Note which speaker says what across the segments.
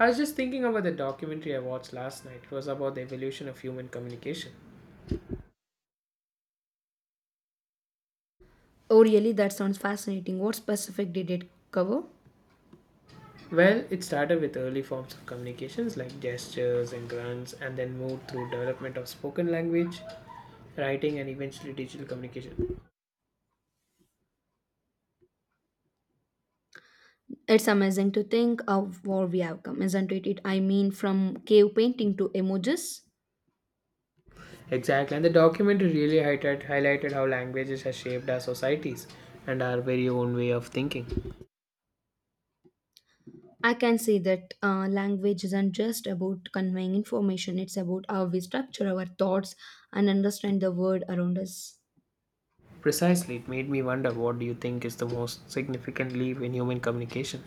Speaker 1: I was just thinking about the documentary I watched last night. It was about the evolution of human communication.
Speaker 2: Oh, really? That sounds fascinating. What specific did it cover?
Speaker 1: Well, it started with early forms of communications like gestures and grunts, and then moved through development of spoken language, writing, and eventually digital communication.
Speaker 2: It's amazing to think of where we have come, isn't it? I mean, from cave painting to emojis.
Speaker 1: Exactly, and the documentary really highlighted how languages have shaped our societies and our very own way of thinking.
Speaker 2: I can see that language isn't just about conveying information, it's about how we structure our thoughts and understand the world around us.
Speaker 1: Precisely, it made me wonder, what do you think is the most significant leap in human communication?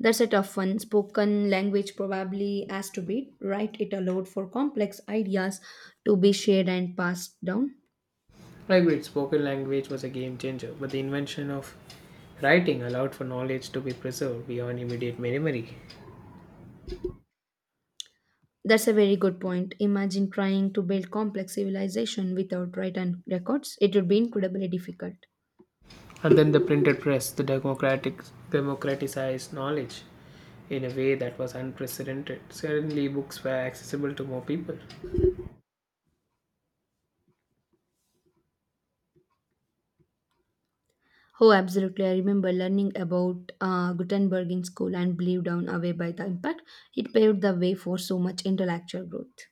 Speaker 2: That's a tough one. Spoken language probably has to be right. It allowed for complex ideas to be shared and passed down.
Speaker 1: Language, spoken language was a game changer, but the invention of writing allowed for knowledge to be preserved beyond immediate memory.
Speaker 2: That's a very good point. Imagine trying to build complex civilization without written records. It would be incredibly difficult.
Speaker 1: And then the printed press, the democratic democratized knowledge in a way that was unprecedented. Suddenly books were accessible to more people.
Speaker 2: Oh, absolutely. I remember learning about Gutenberg in school and blew down away by the impact. It paved the way for so much intellectual growth.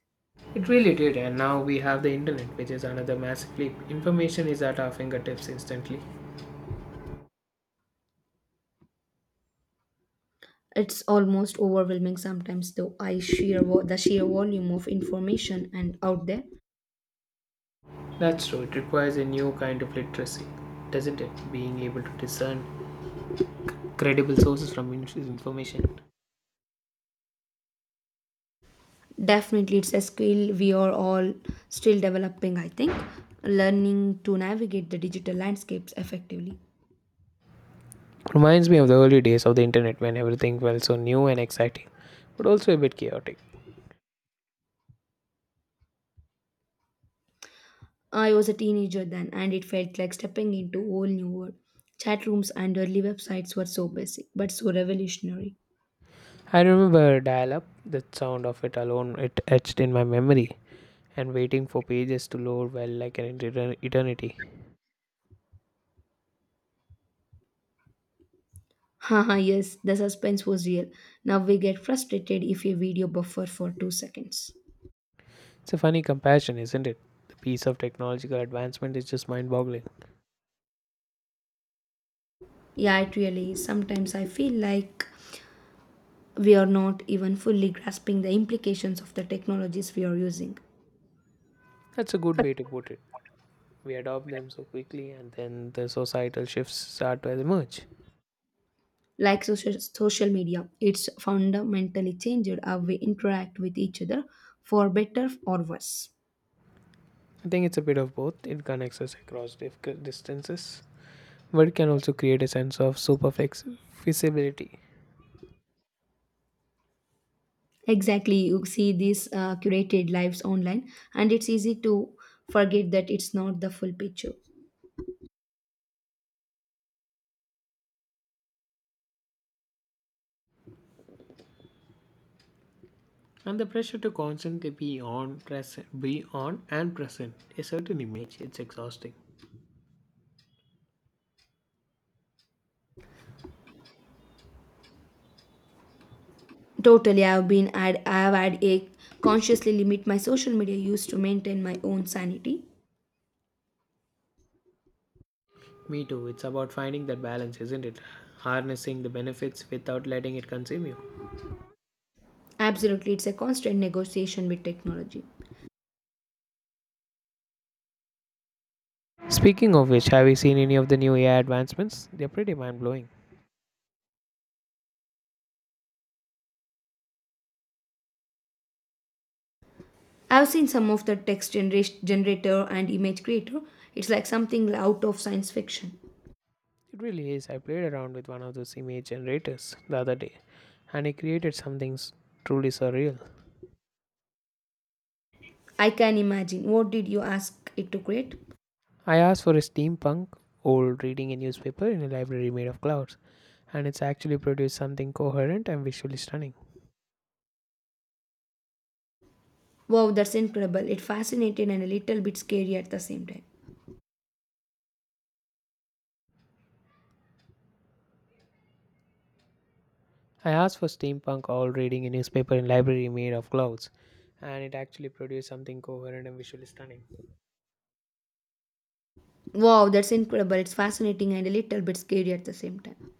Speaker 1: It really did, and now we have the internet, which is another massive leap. Information is at our fingertips instantly.
Speaker 2: It's almost overwhelming sometimes, though. I the sheer volume of information and out there.
Speaker 1: That's true, it requires a new kind of literacy, doesn't it? Being able to discern credible sources from information.
Speaker 2: Definitely, it's a skill we are all still developing. I think learning to navigate the digital landscapes effectively.
Speaker 1: Reminds me of the early days of the internet when everything felt so new and exciting, but also a bit chaotic.
Speaker 2: I was a teenager then, and it felt like stepping into a whole new world. Chat rooms and early websites were so basic, but so revolutionary.
Speaker 1: I remember dial up, the sound of it alone, it etched in my memory, and waiting for pages to load, well, like an eternity.
Speaker 2: Haha, yes, the suspense was real. Now we get frustrated if a video buffer for 2 seconds.
Speaker 1: It's a funny comparison, isn't it? The piece of technological advancement is just mind boggling.
Speaker 2: Yeah, it really is. Sometimes I feel like we are not even fully grasping the implications of the technologies we are using.
Speaker 1: That's a good way to put it. We adopt them so quickly, and then the societal shifts start to emerge.
Speaker 2: Like social media, it's fundamentally changed how we interact with each other for better or worse.
Speaker 1: I think it's a bit of both, it connects us across distances, but it can also create a sense of superficiality.
Speaker 2: Exactly, you see these curated lives online, and it's easy to forget that it's not the full picture.
Speaker 1: And the pressure to constantly be on and present a certain image, it's exhausting.
Speaker 2: Totally, I have had a consciously limit my social media use to maintain my own sanity.
Speaker 1: Me too, it's about finding that balance, isn't it? Harnessing the benefits without letting it consume you.
Speaker 2: Absolutely, it's a constant negotiation with technology.
Speaker 1: Speaking of which, have you seen any of the new AI advancements? They're pretty mind-blowing.
Speaker 2: I've seen some of the generator and image creator. It's like something out of science fiction.
Speaker 1: It really is. I played around with one of those image generators the other day, and it created something truly surreal.
Speaker 2: I can imagine. What did you ask it to create?
Speaker 1: I asked for a steampunk old reading a newspaper in a library made of clouds, and it's actually produced something coherent and visually stunning.
Speaker 2: Wow, that's incredible. It fascinated and a little bit scary at the same time.
Speaker 1: I asked for steampunk old reading a newspaper in a library made of clouds, and it actually produced something coherent and visually stunning.
Speaker 2: Wow, that's incredible. It's fascinating and a little bit scary at the same time.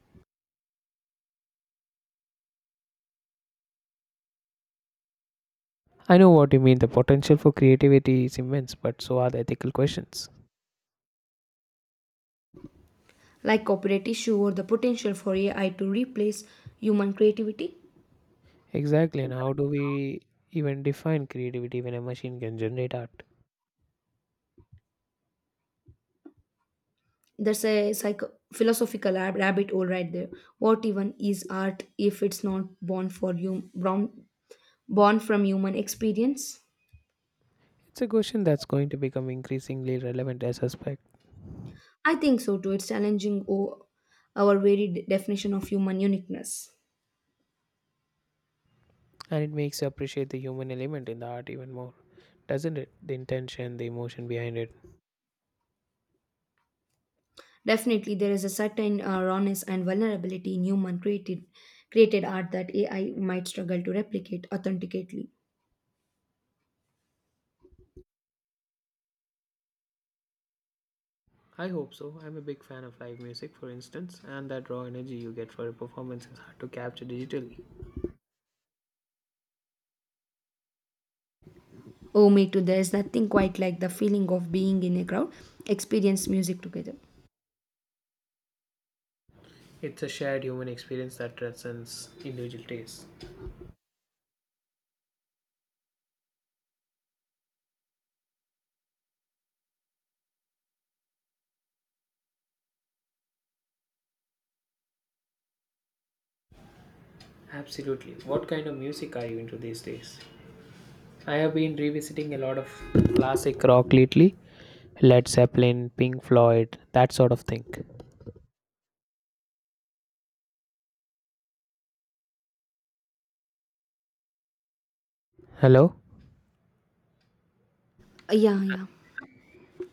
Speaker 1: I know what you mean. The potential for creativity is immense, but so are the ethical questions.
Speaker 2: Like copyright issue or the potential for AI to replace human creativity.
Speaker 1: Exactly, and how do we even define creativity when a machine can generate art?
Speaker 2: That's a philosophical rabbit hole right there. What even is art if it's not born for you, born, born from human experience?
Speaker 1: It's a question that's going to become increasingly relevant, I suspect.
Speaker 2: I think so too. It's challenging our very definition of human uniqueness.
Speaker 1: And it makes you appreciate the human element in the art even more, doesn't it? The intention, the emotion behind it.
Speaker 2: Definitely, there is a certain rawness and vulnerability in human created created art that AI might struggle to replicate authentically.
Speaker 1: I hope so. I'm a big fan of live music, for instance, and that raw energy you get for a performance is hard to capture digitally.
Speaker 2: Oh, me too. There is nothing quite like the feeling of being in a crowd, experience music together.
Speaker 1: It's a shared human experience that transcends individual tastes. Absolutely. What kind of music are you into these days? I have been revisiting a lot of classic rock lately. Led Zeppelin, Pink Floyd, that sort of thing. Hello?
Speaker 2: Yeah, yeah.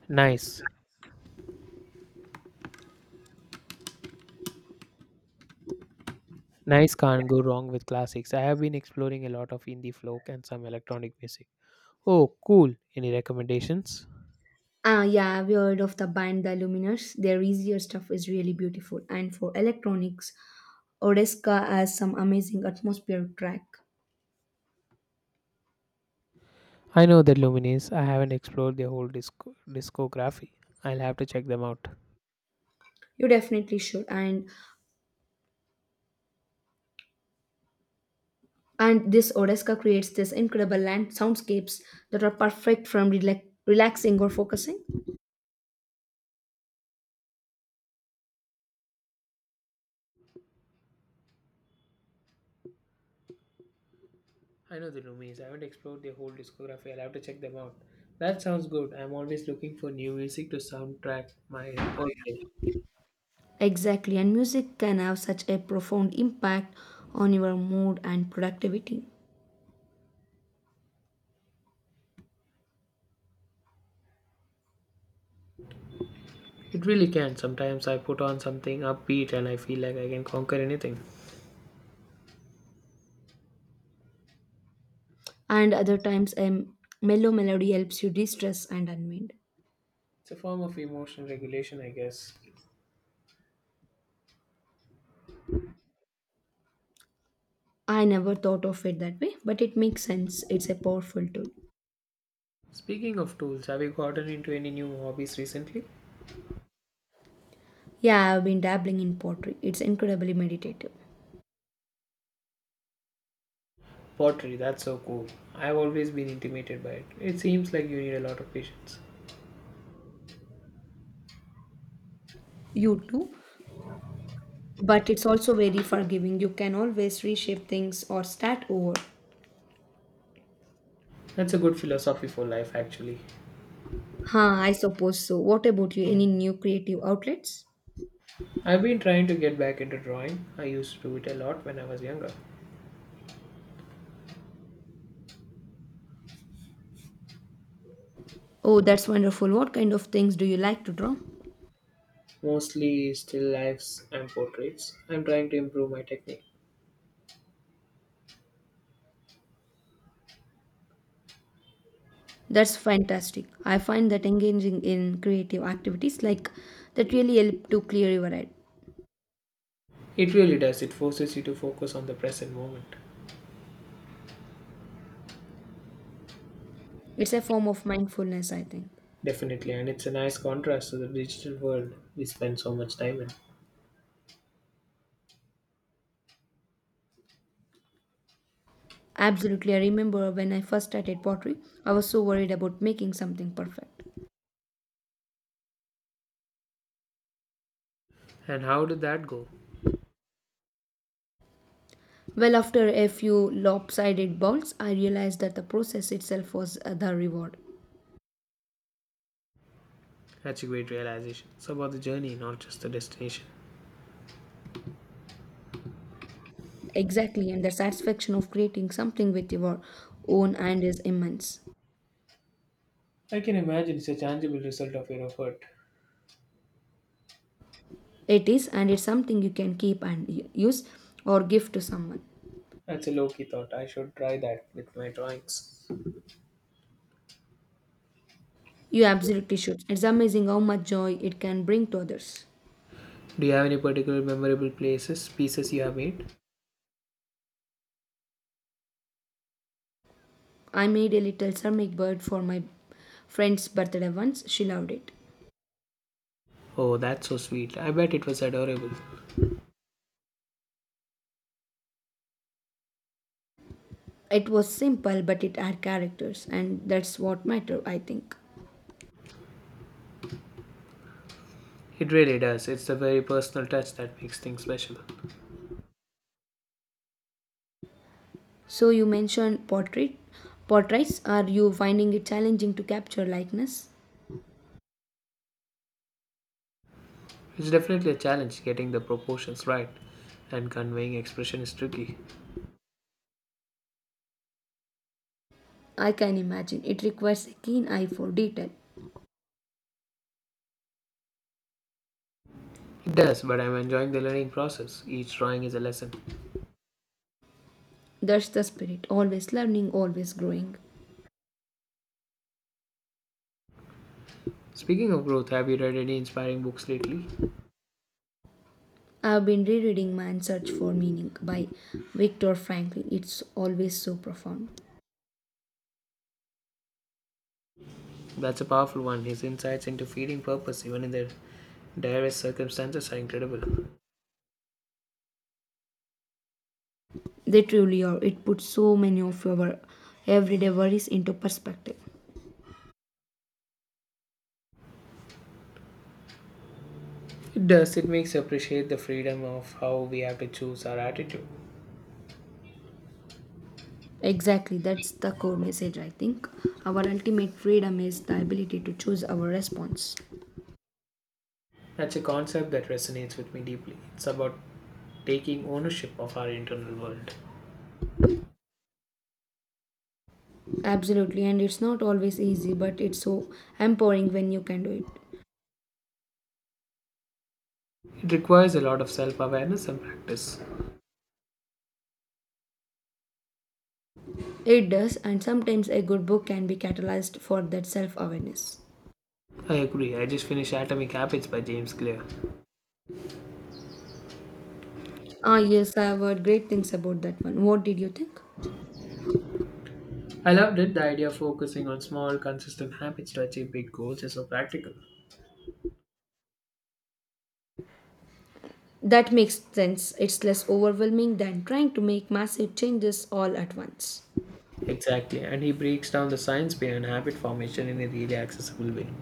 Speaker 1: Nice. Nice, can't go wrong with classics. I have been exploring a lot of indie folk and some electronic music. Oh, cool. Any recommendations?
Speaker 2: Ah, yeah, I've heard of the band The Luminers. Their easier stuff is really beautiful. And for electronics, Odeska has some amazing atmospheric track.
Speaker 1: I know the Lumines. I haven't explored their whole discography. I'll have to check them out.
Speaker 2: You definitely should. And this Odesca creates this incredible land soundscapes that are perfect from relaxing or focusing.
Speaker 1: I know the Lumines. I haven't explored their whole discography. I'll have to check them out. That sounds good. I'm always looking for new music to soundtrack my whole day.
Speaker 2: Exactly, and music can have such a profound impact on your mood and productivity.
Speaker 1: It really can. Sometimes I put on something upbeat and I feel like I can conquer anything.
Speaker 2: And other times, a mellow melody helps you de stress and unwind.
Speaker 1: It's a form of emotional regulation, I guess.
Speaker 2: I never thought of it that way, but it makes sense. It's a powerful tool.
Speaker 1: Speaking of tools, have you gotten into any new hobbies recently?
Speaker 2: Yeah, I've been dabbling in pottery. It's incredibly meditative.
Speaker 1: Pottery, that's so cool. I've always been intimidated by it. It seems like you need a lot of patience.
Speaker 2: You too? But it's also very forgiving. You can always reshape things or start over.
Speaker 1: That's a good philosophy for life, actually.
Speaker 2: Huh, I suppose so. What about you? Any new creative outlets?
Speaker 1: I've been trying to get back into drawing. I used to do it a lot when I was younger,
Speaker 2: Oh, that's wonderful. What kind of things do you like to draw?
Speaker 1: mostly still lifes and portraits. I'm trying to improve my technique.
Speaker 2: That's fantastic. I find that engaging in creative activities like that really help to clear your head.
Speaker 1: It really does, it forces you to focus on the present moment.
Speaker 2: It's a form of mindfulness, I think.
Speaker 1: Definitely, and it's a nice contrast to the digital world we spend so much time in.
Speaker 2: Absolutely. I remember when I first started pottery, I was so worried about making something perfect.
Speaker 1: And how did that go?
Speaker 2: Well, after a few lopsided bowls, I realized that the process itself was the reward.
Speaker 1: Such a great realization. It's about the journey, not just the destination.
Speaker 2: Exactly, and the satisfaction of creating something with your own hand is immense.
Speaker 1: I can imagine it's a tangible result of your effort.
Speaker 2: It is, and it's something you can keep and use or give to someone.
Speaker 1: That's a low key thought. I should try that with my drawings.
Speaker 2: You absolutely should. It's amazing how much joy it can bring to others.
Speaker 1: Do you have any particular memorable places, pieces you have made?
Speaker 2: I made a little ceramic bird for my friend's birthday once. She loved it.
Speaker 1: Oh, that's so sweet. I bet it was adorable.
Speaker 2: It was simple, but it had characters, and that's what matter, I think.
Speaker 1: It really does. It's the very personal touch that makes things special.
Speaker 2: So you mentioned portraits. Are you finding it challenging to capture likeness?
Speaker 1: It's definitely a challenge getting the proportions right and conveying expression is tricky.
Speaker 2: I can imagine. It requires a keen eye for detail.
Speaker 1: It does, but I'm enjoying the learning process. Each drawing is a lesson.
Speaker 2: That's the spirit, always learning, always growing.
Speaker 1: Speaking of growth, have you read any inspiring books lately?
Speaker 2: I've been rereading Man's Search for Meaning by Viktor Frankl. It's always so profound.
Speaker 1: That's a powerful one. His insights into feeding purpose, even in their direst circumstances, are incredible.
Speaker 2: They truly are. It puts so many of our everyday worries into perspective.
Speaker 1: It does. It makes you appreciate the freedom of how we have to choose our attitude.
Speaker 2: Exactly, that's the core message, I think. Our ultimate freedom is the ability to choose our response.
Speaker 1: That's a concept that resonates with me deeply. It's about taking ownership of our internal world.
Speaker 2: Absolutely, and it's not always easy, but it's so empowering when you can do it.
Speaker 1: It requires a lot of self awareness and practice.
Speaker 2: It does, and sometimes a good book can be catalyzed for that self awareness.
Speaker 1: I agree. I just finished Atomic Habits by James Clear.
Speaker 2: Ah, yes, I have heard great things about that one. What did you think?
Speaker 1: I loved it. The idea of focusing on small, consistent habits to achieve big goals is so practical.
Speaker 2: That makes sense. It's less overwhelming than trying to make massive changes all at once.
Speaker 1: Exactly, and he breaks down the science behind habit formation in a really accessible way.